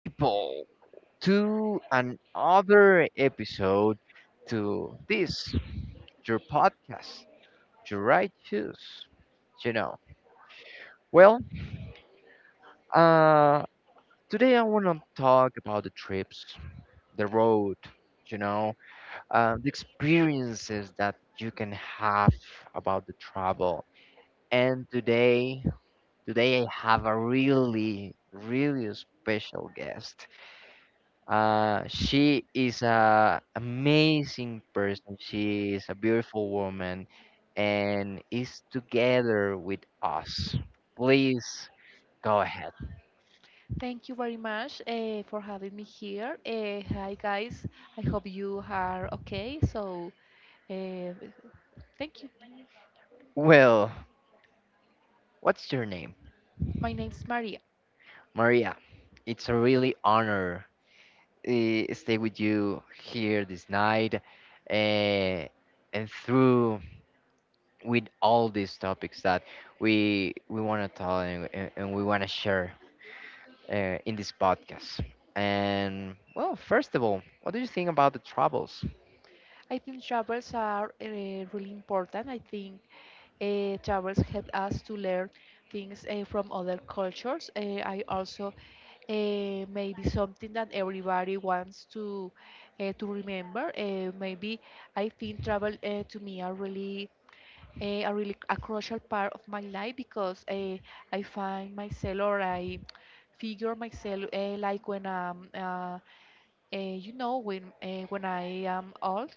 people, to another episode to this your podcast, your right choice. You know, well, uh, today I want to talk about the trips, the road, you know, the experiences that you can have about the travel. And today I have a really, really special guest. She is a amazing person. She is a beautiful woman and is together with us. Please go ahead. Thank you very much for having me here. Hi, guys. I hope you are okay. So, uh, thank you. Well, what's your name? My name is Maria. Maria. It's a really honor stay with you here this night eh, and through with all these topics that we want to tell and we want to share in this podcast. And well, first of all, what do you think about the troubles? I think travels are really important. I think travels help us to learn things from other cultures. I also, maybe something that everybody wants to remember. Maybe I think travel, to me, are really, a crucial part of my life, because I find myself, or I figure myself, eh, like when when I am old,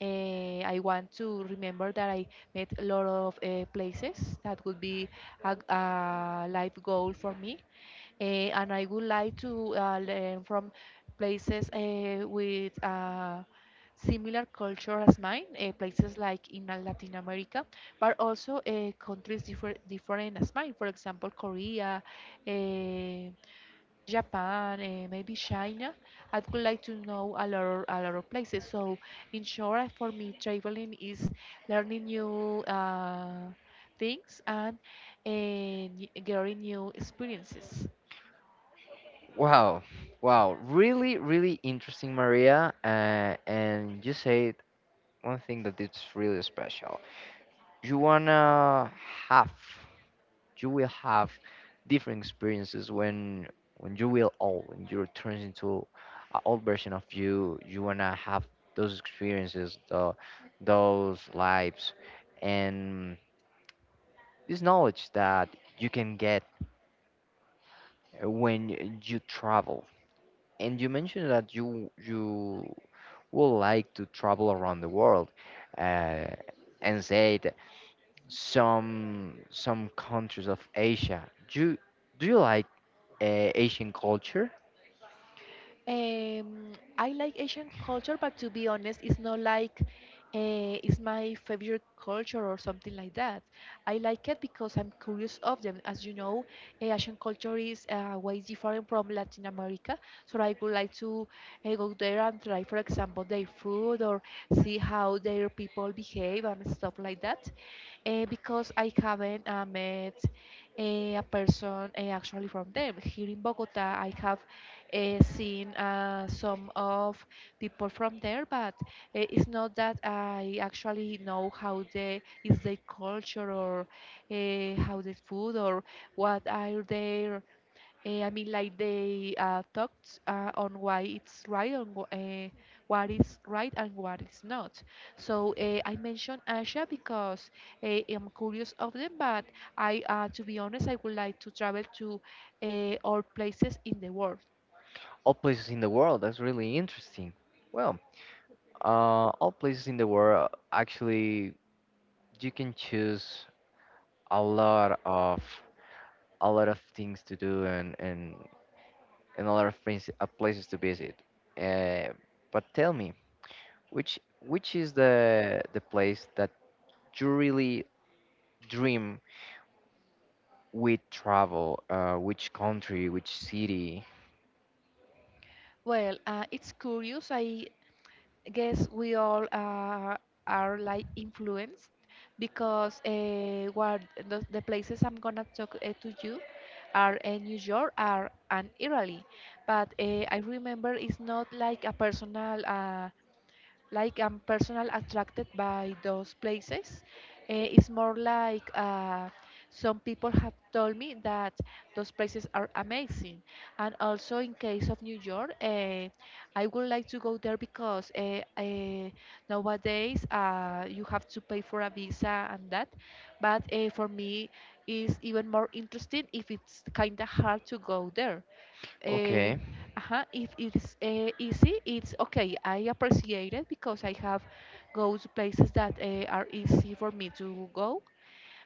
I want to remember that I met a lot of places that would be a life goal for me. And I would like to learn from places with similar culture as mine, places like in Latin America, but also countries different as mine. For example, Korea, eh, Japan, maybe China. I would like to know a lot of places. So, in short, for me, traveling is learning new things and, eh, getting new experiences. Wow, wow, really, really interesting, Maria. And you said one thing that it's really special. You wanna have, you will have different experiences when you will old, when you turns into an old version of you. You wanna have those experiences, those lives, and this knowledge that you can get when you travel. And you mentioned that you would like to travel around the world, uh, and said some countries of Asia. Do you, do you like Asian culture? Um, I like Asian culture, but to be honest, it's not like, it's my favorite culture or something like that. I like it because I'm curious of them. As you know, Asian culture is way different from Latin America, so I would like to go there and try, for example, their food or see how their people behave and stuff like that, because I haven't met a person, actually, from them. Here in Bogota, I have seen some of people from there, but it's not that I actually know how they is their culture, or how they food, or what are their, I mean, like they talked on why it's right and uh, what is right and what is not. So, I mentioned Asia because I'm curious of them, but to be honest, I would like to travel to all places in the world. All places in the world. That's really interesting. Well, all places in the world actually you can choose a lot of things to do and a lot of places to visit. Uh, but tell me, which which is the place that you really dream with travel? Which country? Which city? Well, it's curious. I guess we all are like influenced because, what, the places I'm gonna talk to you are in New York are and Italy, but I remember it's not like a personal, like I'm personally attracted by those places. It's more like, some people have told me that those places are amazing. And also in case of New York, I would like to go there because, nowadays you have to pay for a visa and that. But, for me, it's even more interesting if it's kind of hard to go there. uh, Okay. If it's easy, it's okay. I appreciate it because I have go to places that are easy for me to go,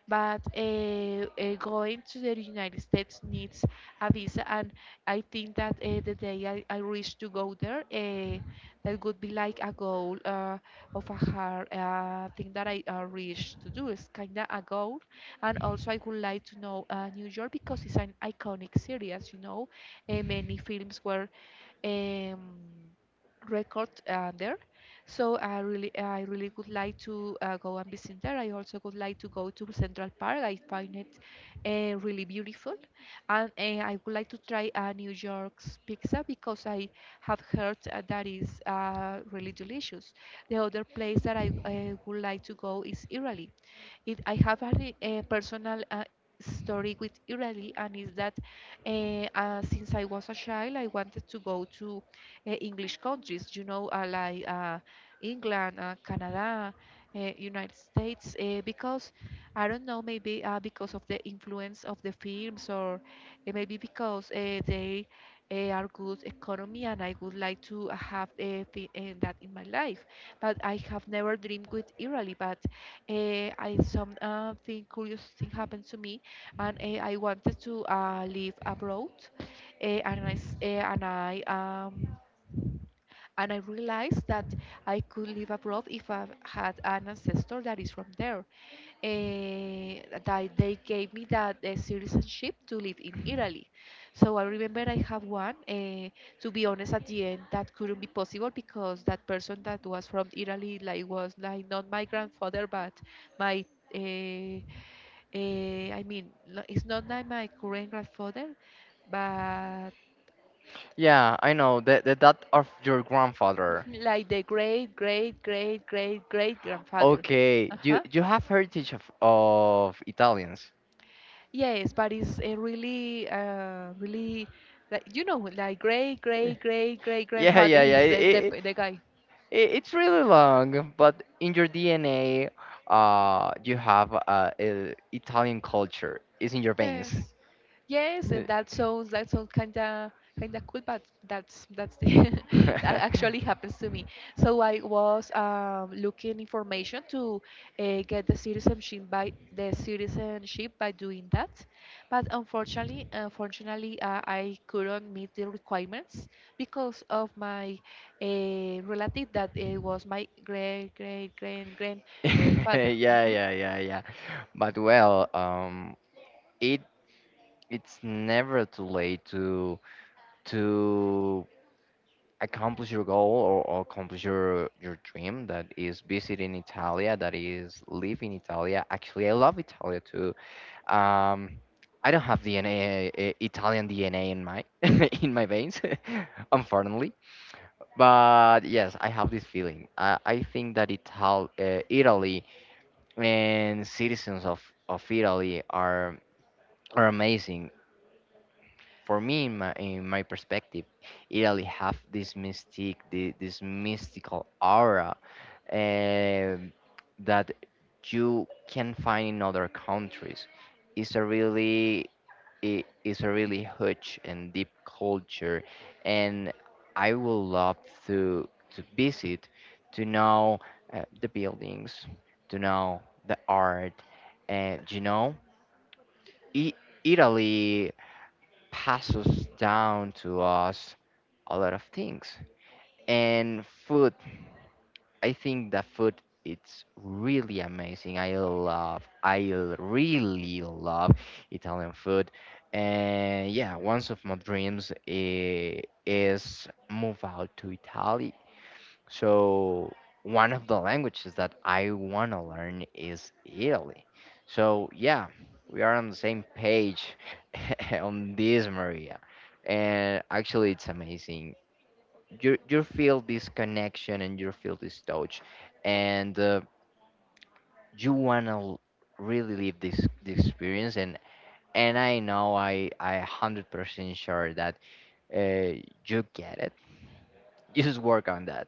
but going to the United States needs a visa, and I think that the day I reach to go there, that would be like a goal, of a hard, thing that I reached to do. It's kind of a goal, and also I would like to know New York because it's an iconic city, as you know. Many films were um, record there. So, I really would like to go and visit there. I also would like to go to Central Park. I find it really beautiful, and I would like to try New York's pizza, because I have heard that is really delicious. The other place that I would like to go is Italy. I have a personal, story with Israeli, and is that uh, since I was a child, I wanted to go to English countries, like England, Canada, United States, because I don't know, maybe because of the influence of the films, or maybe because they are good economy, and I would like to have that in my life. But I have never dreamed with Israeli, but I some thing curious thing happened to me, and I wanted to live abroad, uh, and I s- uh, and I um and I realized that I could live abroad if I had an ancestor that is from there, that they gave me that citizenship to live in Italy. So I remember I have one. To be honest, at the end that couldn't be possible because that person that was from Italy like was like not my grandfather, but my uh, I mean, it's not like my current grandfather, but Yeah, I know the dad of your grandfather. like the great great great great great grandfather. Okay, you Uh-huh. you have heritage of Italians. Yes, but it's a really, really, like great, Eh. great, great, great Yeah, grandfather yeah, yeah. is the, It, it, the, the guy. it's really long, but in your DNA, you have Italian culture. It's in your veins. Yes. Yes, Y- that sounds kinda cool, but that's the, that actually happens to me. So I was looking information to get the citizenship by doing that, but unfortunately, I couldn't meet the requirements because of my relative that was my great great great yeah, grandfather. Mm-hmm. yeah, yeah, yeah. But well, it it's never too late to accomplish your goal, or accomplish your dream that is visiting Italia, that is live in Italia. Actually, I love Italia too. Um, I don't have DNA, Italian DNA in my in my veins, unfortunately. But yes, I have this feeling. I think that Italy and citizens of, Italy are amazing. For me, in my perspective, Italy have this this mystical aura um that you can find in other countries. It's a really It is a really huge and deep culture, and I would love to visit, to know the buildings, to know the art. And you know I- Italy passes down to us a lot of things and food. I think the food it's really amazing. I really love Italian food. And yeah, one of my dreams is move out to Italy. So one of the languages that I want to learn is Italy. So yeah, we are on the same page on this, Maria. And actually, it's amazing you feel this connection and you feel this touch, and you want to really live this experience, and I know I 100% sure that uh, you get it. You just work on that.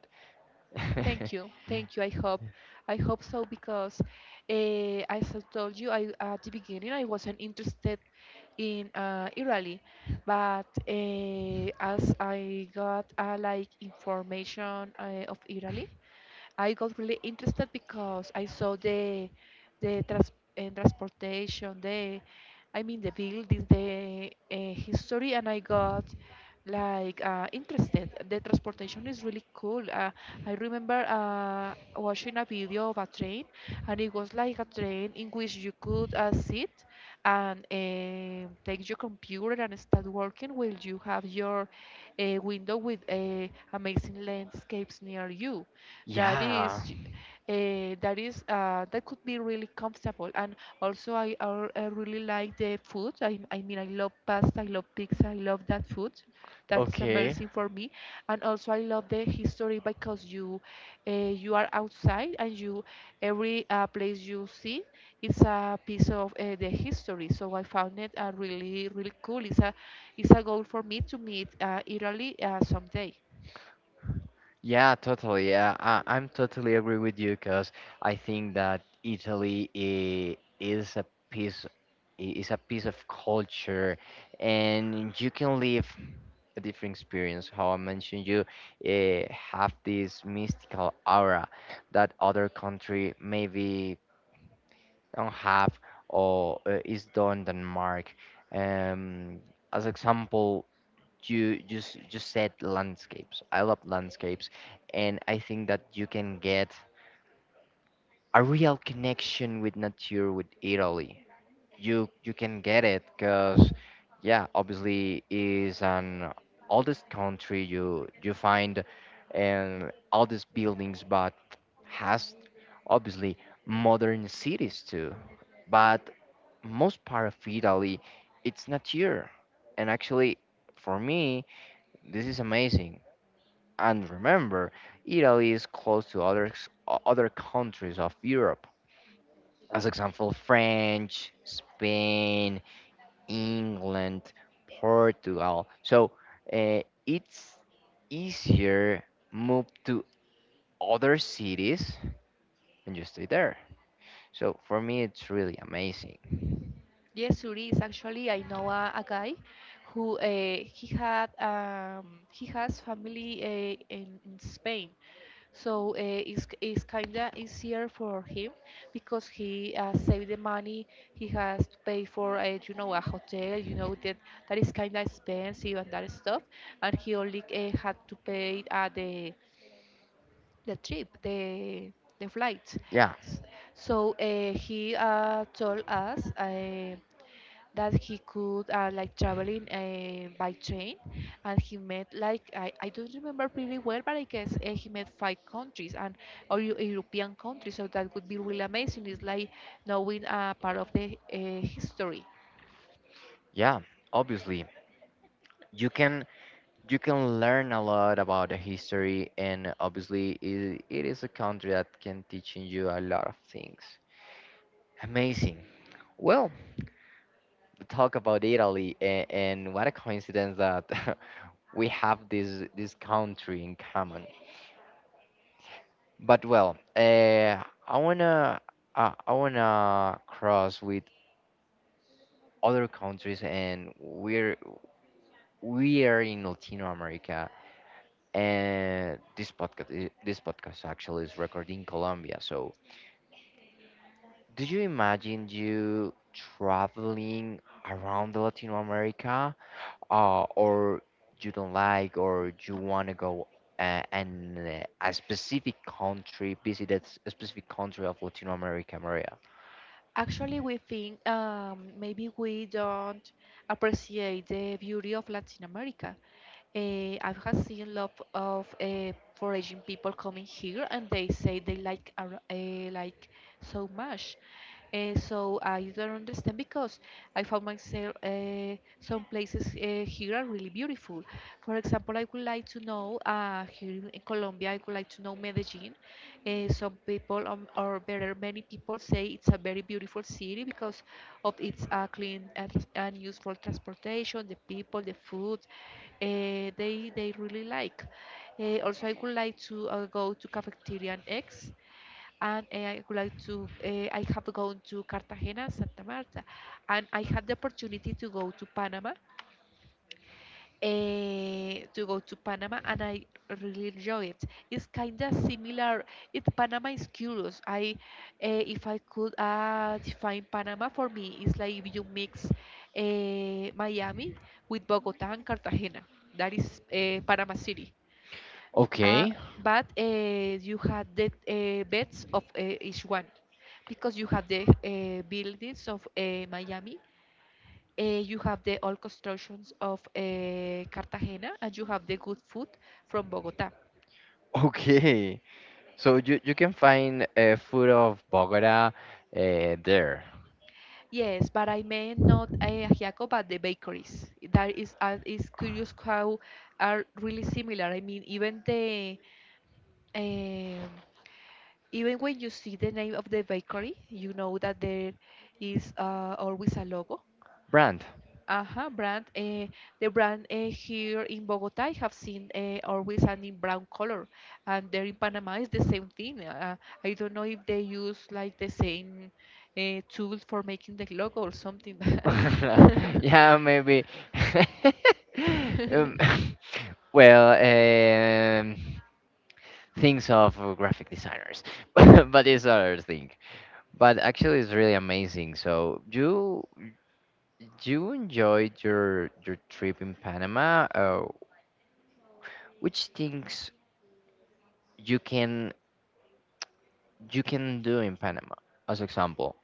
Thank you, thank you. I hope so, because as I told you, I at the beginning I wasn't interested in Irali, but as I got like information of Irali, I got really interested because I saw the trans and transportation, the I mean, the buildings, the history, and I got like interested. The transportation is really cool. I remember watching a video of a train, and it was like a train in which you could sit and, take your computer and start working while you have your window with amazing landscapes near you that Yeah, is that could be really comfortable. And also I really like the food. I mean, I love pasta, I love pizza, I love that food. That's okay, amazing for me. And also I love the history because you are outside, and you every place you see is a piece of the history. So I found it really really cool. It's a goal for me to meet Italy someday. yeah, totally, yeah, I'm totally agree with you, because I think that Italy piece is a piece of culture, and you can live a different experience. How I mentioned, you have this mystical aura that other country maybe don't have, or is done Denmark. Um, as example, you just said landscapes. I love landscapes, and I think that you can get a real connection with nature with Italy. You can get it, because yeah, obviously is an oldest country. You find and all these buildings, but has obviously modern cities too. But most part of Italy it's not here, and actually for me this is amazing. And remember, Italy is close to other countries of Europe, as example, French, Spain, England, Portugal. So it's easier move to other cities and just stay there. So for me, it's really amazing. Yes, Suri is actually I know a guy who he has family in Spain, so it's kinda easier for him, because he saved the money. He has to pay for, a hotel. You know that is kinda expensive and that stuff, and he only had to pay the trip, the flight. Yeah, S- So he told us that he could, like, traveling by train, and he met, like, I don't remember pretty well, but I guess he met five countries and, or European countries, so that would be really amazing. It's like knowing part of the history. yeah. Obviously, you can you can learn a lot about the history, and obviously, it is a country that can teach you a lot of things. Amazing. Well, we talk about Italy, and what a coincidence that we have this country in common. But well, I wanna cross with other countries, and we are in Latino America, and this podcast this podcast actually is recorded in Colombia. So, do you imagine you traveling around the Latino America, or you don't like, or you wanna go? And a specific country, visit a specific country of Latino America, Maria. Actually, we think maybe we don't appreciate the beauty of Latin America. I have seen lot of foraging people coming here, and they say they like so much. So I don't understand, because I found myself some places here are really beautiful. For example, I would like to know, here in Colombia, I would like to know Medellin. Some people, or better, many people say it's a very beautiful city because of its clean and, and useful transportation, the people, the food. They really like. Also, I would like to go to Cafeteria and X, and I would like to. I have gone to Cartagena, Santa Marta, and I had the opportunity to go to Panama, and I really enjoy it. It's kind of similar. It Panama is curious. If I could define Panama for me, it's like if you mix Miami with Bogota and Cartagena. That is Panama City. Uh, Okay. but you had the beds of each one, because you have the buildings of Miami, you have the old constructions of Cartagena, and you have the good food from Bogota. Okay, so you can find food of Bogota there. Yes, but I meant not ajiaco, but the bakeries. That is curious how are really similar. I mean, even the um, even when you see the name of the bakery, you know that there is always a logo. Brand. Aha, brand. The brand, here in Bogota, I have seen always an in brown color, and there in Panama is the same thing. I don't know if they use like the same tool for making the logo or something. Yeah, maybe. Um, well, things of graphic designers, but it's other thing. But actually, it's really amazing. So you enjoyed your trip in Panama. Which things you can you can do in Panama, as example?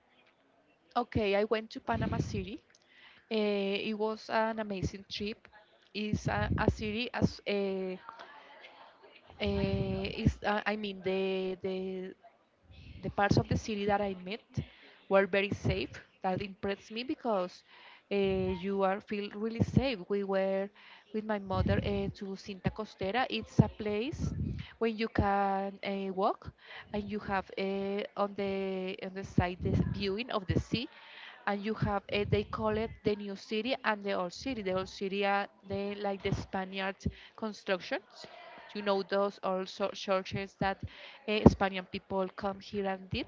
Okay, I went to Panama City. It was an amazing trip. It's a city as is I mean the the parts of the city that I met were very safe. That impressed me because uh, you are feel really safe. We were with my mother to Cinta Costera. It's a place when you can walk and you have on the side the viewing of the sea, and you have they call it the new city and the old city. The old city are the like the spaniard constructions, you know, those also churches that Spanish people come here and did,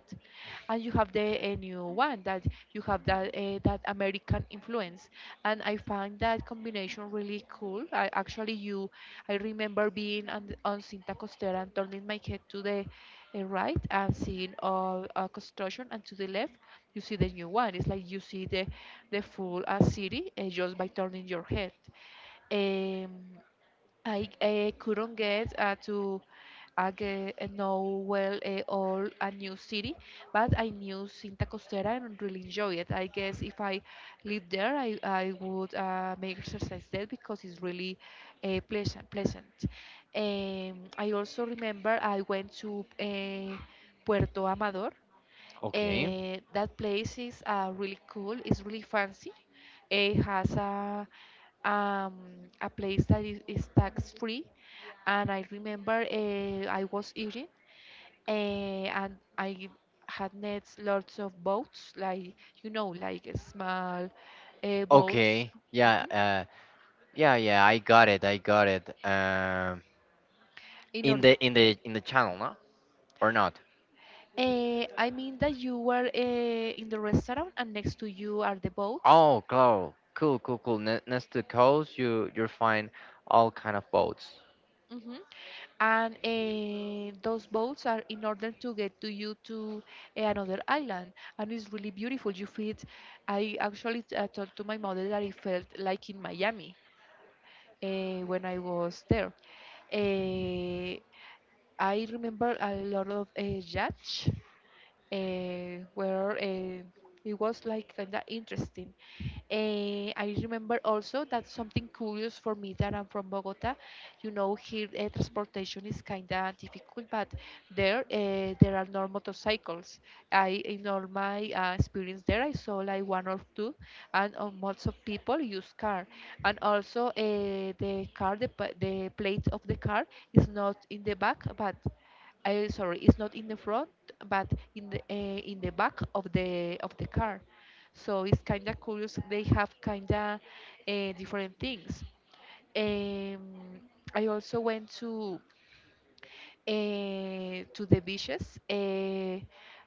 and you have the new one that you have that that American influence, and I find that combination really cool. I actually you, I remember being on Cinta Costera and turning my head to the right and seeing all construction, and to the left you see the new one. It's like you see the full city just by turning your head. Um, I couldn't get to get, know well all a new city, but I knew Cinta Costera and really enjoy it. I guess if I lived there, I would make exercise there because it's really pleasant. I also remember I went to Puerto Amador. Okay. That place is really cool. It's really fancy. It has um, a place that is tax free, and I remember I was eating, uh, and I had next lots of boats, like like small boats. Okay. Yeah. Mhm. Yeah. Yeah. I got it. I got it. In In order, the channel, no? Or not? I mean that you were in the restaurant, and next to you are the boats. Oh, cool. Cool. Cool. Cool. Next to coast, you find all kind of boats. Hmm. And those boats are in order to get to you to another island, and it's really beautiful, you feel it. I actually told to my mother that I felt like in Miami when I was there. Eh, I remember a lot of yachts eh, where eh, it was like kind of interesting. I remember also that something curious for me that I'm from Bogota. You know, here transportation is kinda difficult, but there are no motorcycles. I in all my experience there, I saw like one or two, and lots of people use car, and also the car the plate of the car is not in the back, but sorry, it's not in the front, but in the back of the car. So it's kind of curious. They have kind of different things. Um, I also went to the beaches.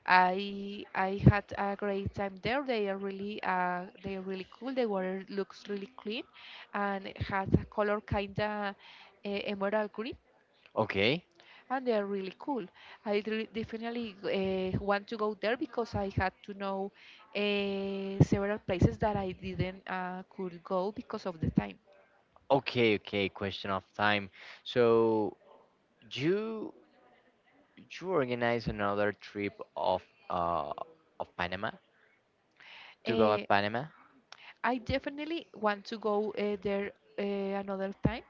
I had a great time there. They are really cool. The water looks really clean, and it has a color kind of emerald green, Okay. and they are really cool. Definitely want to go there because I had to know several places that I didn't could go because of the time. Okay. Okay. Question of time. So you you organize another trip of uh Panama to go to Uh, Panama? I definitely want to go there uh, another time,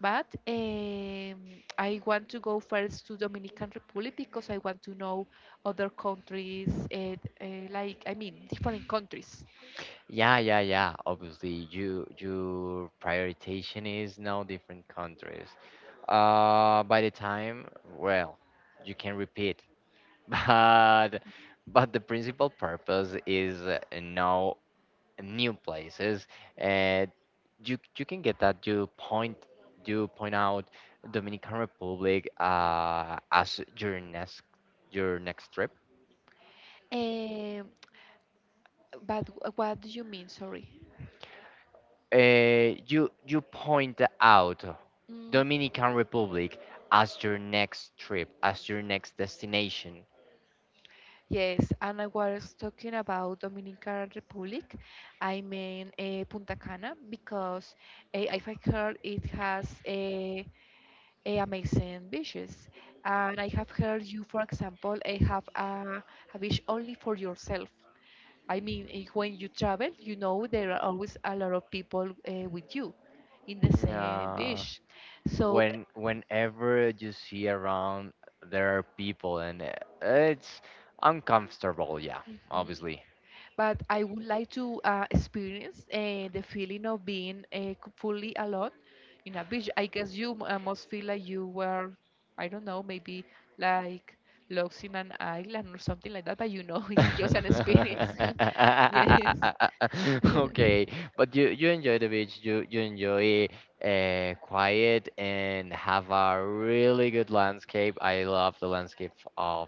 but I want to go first to Dominican Republic because I want to know other countries, like I mean different countries. Yeah, yeah, yeah. Obviously, your prioritization is now different countries. By the time, well, you can repeat, but the principal purpose is know new places. Uh, you can get that. You point out Dominican Republic, as your next trip. Um, but what do you mean? Sorry. You point out Mm. Dominican Republic as your next trip, as your next destination. Yes, and I was talking about Dominican Republic. I mean Punta Cana because if I heard it has a amazing beaches, and I have heard you, for example, have a beach only for yourself. I mean, when you travel, you know there are always a lot of people with you in the same Uh, beach. So, whenever you see around there are people, and it's uncomfortable, yeah, mhm. obviously. But I would like to experience the feeling of being fully alone in a beach. I guess you must feel like you were, I don't know, maybe like lost in an island or something like that, but you know, it's just an experience. Yes. Okay, but you enjoy the beach. You enjoy quiet and have a really good landscape. I love the landscape of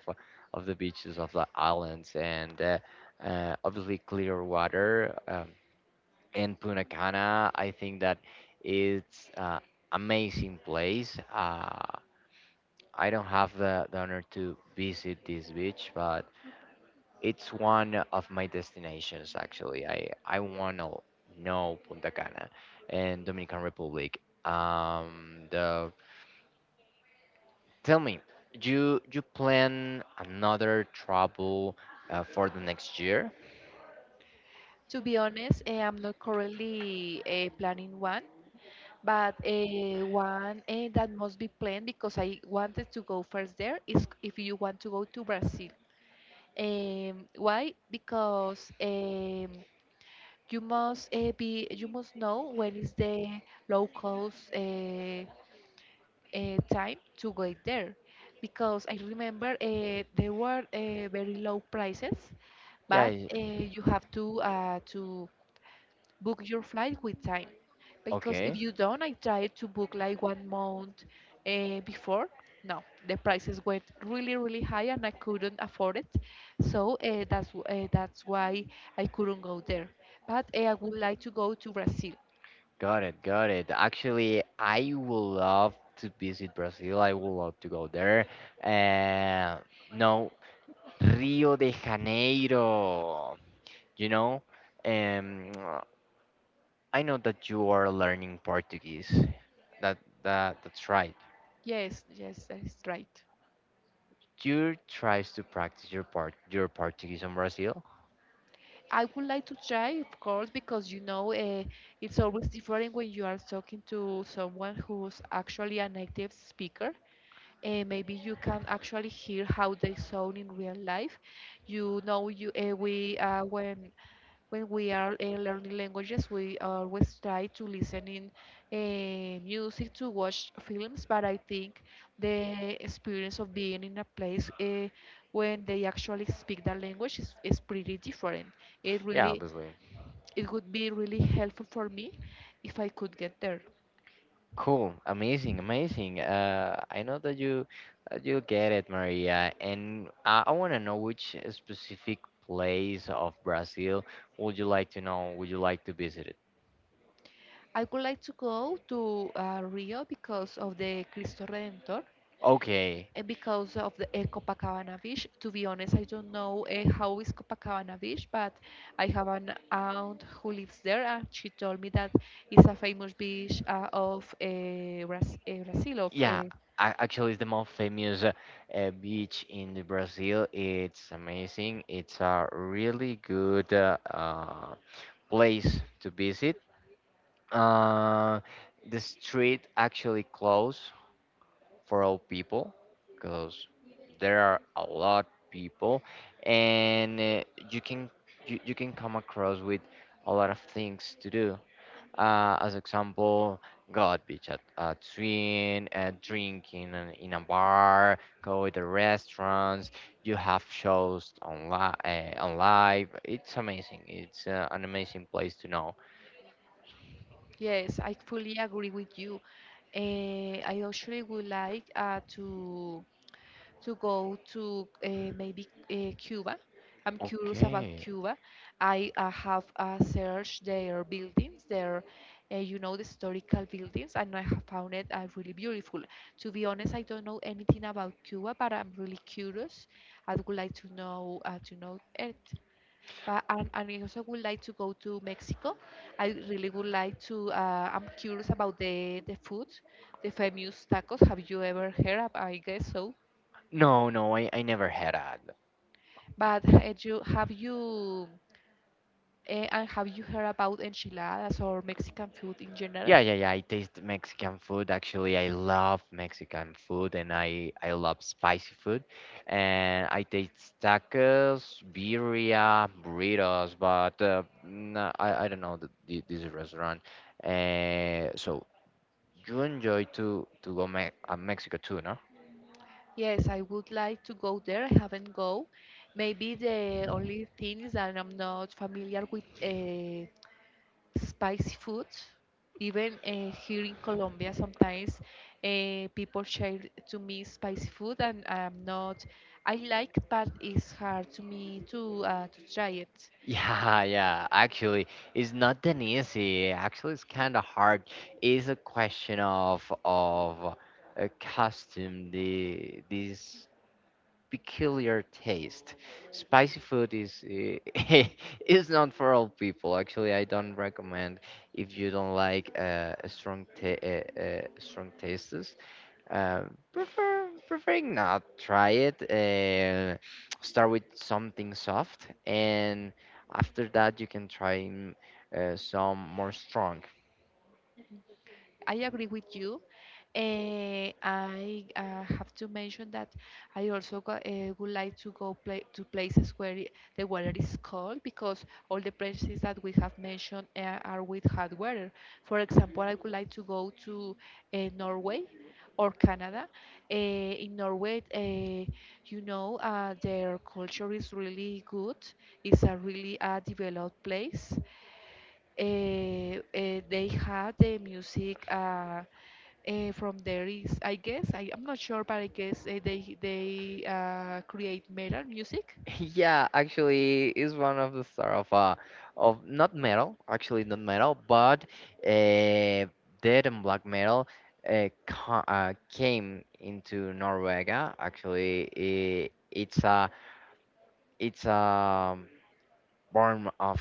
of the beaches of the islands, and obviously clear water. And Punta Cana, I think that it's amazing place. I don't have the honor to visit this beach, but it's one of my destinations actually. I wanna know Punta Cana and Dominican Republic. The Tell me, you plan another travel for the next year? To be honest, I'm not currently planning one, but one that must be planned because I wanted to go first there is if you want to go to Brazil. Why? Because you must be you must know when is the low cost time to go there. Because I remember there were very low prices, Yeah. but you have to book your flight with time, because if Okay. you don't, I tried to book like one month before, no, the prices went really really high and I couldn't afford it. So that's why I couldn't go there, but I would like to go to Brazil. Got it. Got it. Actually, I would love to visit Brazil. I would love to go there. Uh, no, Rio de Janeiro. You know. Um, I know that you are learning Portuguese. That that's right. Yes, yes, that's right. You tries to practice your Portuguese in Brazil. I would like to try, of course, because you know it's always different when you are talking to someone who's actually a native speaker. Maybe you can actually hear how they sound in real life. You know, you we when we are learning languages, we always try to listen in music to watch films. But I think the experience of being in a place when they actually speak that language is pretty different. It Yeah, really obviously. it would be really helpful for me if I could get there. Cool, amazing, amazing. I know that you get it, Maria. And I want to know which specific place of Brazil would you like to know? Would you like to visit it? I would like to go to Rio because of the Cristo Redentor. Okay. Because of the Copacabana Beach. To be honest, I don't know how is Copacabana Beach, but I have an aunt who lives there, and she told me that it's a famous beach of Brazil. Of Yeah, actually, it's the most famous beach in the Brazil. It's amazing. It's a really good place to visit. Uh, the street actually closed for all people, because there are a lot people, and you can you can come across with a lot of things to do, as example, go at beach at, a swim, drinking in a, bar, go to the restaurants. You have shows on live. It's amazing. It's an amazing place to know. yes, I fully agree with you. I actually would like to go to maybe Cuba. I'm curious about Okay. Cuba. I have searched their buildings, their, you know, the historical buildings, and I have found it really beautiful. To be honest, I don't know anything about Cuba, but I'm really curious. I would like to know to know it. But and I also would like to go to Mexico. I really would like to. I'm curious about the food, the famous tacos. Have you ever heard? Of I guess so. No, no, I never had that. But had you have you and have you heard about enchiladas or Mexican food in general? Yeah, yeah, yeah. I taste Mexican food. Actually, I love Mexican food, and I love spicy food. And I taste tacos, birria, burritos, but no, I don't know this restaurant. So you enjoy to go me Mexico too, no? Yes, I would like to go there. I haven't go. Maybe the only thing is that I'm not familiar with spicy food. Even here in Colombia, sometimes people share to me spicy food, and I'm not. I like, but it's hard to me to try it. Yeah, yeah. Actually, it's not that easy. Actually, it's kind of hard. It's a question of a costume. The This peculiar taste. Spicy food is is not for all people. Actually, I don't recommend if you don't like a strong tastes. Preferring not try it. Start with something soft, and after that you can try some more strong. I agree with you. I have to mention that I would like to go play, to places where the weather is cold, because all the places that we have mentioned are with hot weather. For example, I would like to go to Norway or Canada. Uh, in Norway, you know, their culture is really good. It's a really developed place. Uh, they have the music. From there is, I guess, I'm not sure, but I guess they create metal music. Yeah, actually, is one of the star of not metal, actually not metal, but uh, dead and black metal came into Norvega. Actually, I it's a form of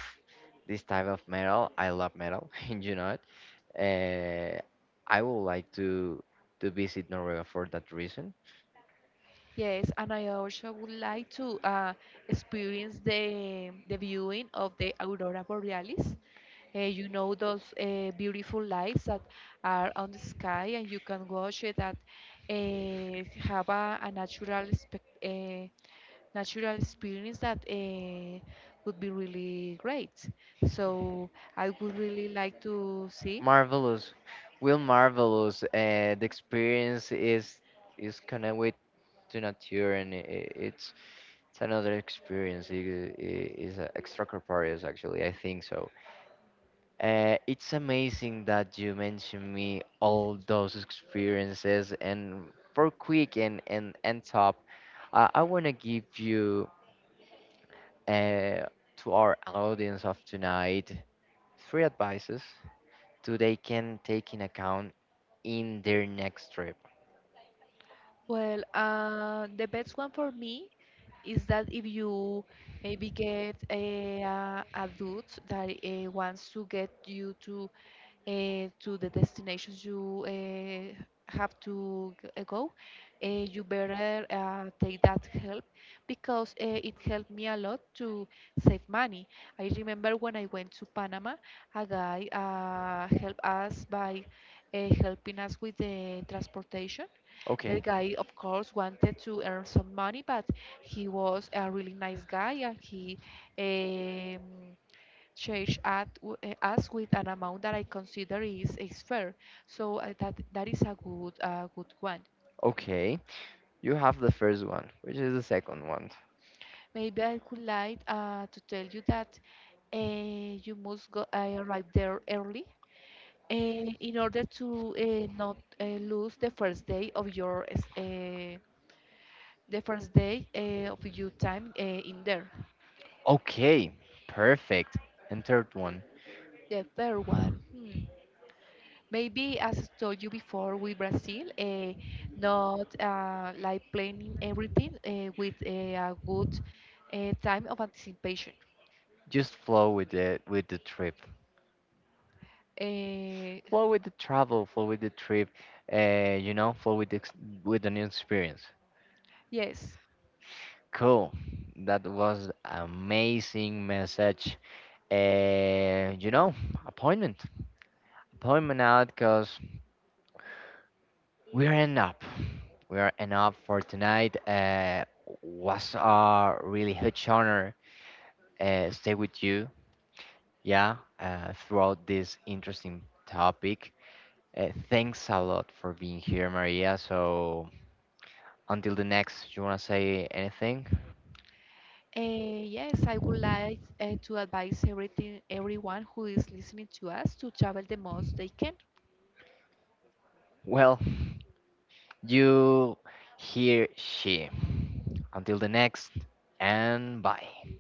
this type of metal. I love metal, and you know it. Uh, I would like to visit Norway for that reason. Yes, and I also would like to experience the viewing of the aurora borealis. You know those beautiful lights that are on the sky, and you can watch it. That have a natural spec natural experience that would be really great. So I would really like to see. Marvelous. Well, marvelous. The experience is connected with to nature, and it's another experience. It is extracorporeal, actually. I think so. It's amazing that you mentioned me all those experiences, and for quick and top, I want to give you uh, to our audience of tonight three advices to they can take in account in their next trip. Well, the best one for me is that if you maybe get a dude that wants to get you to the destinations you have to go, you better take that help, because it helped me a lot to save money. I remember when I went to Panama, a guy helped us by helping us with the transportation. The Okay, guy, of course, wanted to earn some money, but he was a really nice guy, and he um, charged us with an amount that I consider is fair. So that is a good one. okay. You have the first one, which is the second one. Maybe I could like to tell you that uh, you must go arrive there early uh, in order to not lose the first day of your s- the first day of your time in there. Okay, perfect. And third one, The third one, hmm. Maybe as I told you before with Brazil, not like planning everything with a good time of anticipation. just flow with the trip. Uh, Flow with the travel, flow with the trip. Flow with with the new experience. yes, Cool. That was amazing message. Uh, you know, appointment. Appointment out because we are end up. We are end up for tonight. Was a really huge honor stay with you, yeah, throughout this interesting topic. Thanks a lot for being here, Maria. So until the next, you wanna say anything? uh, yes, I would like to advise everything, everyone who is listening to us to travel the most they can Well, you hear she. Until the next, and bye.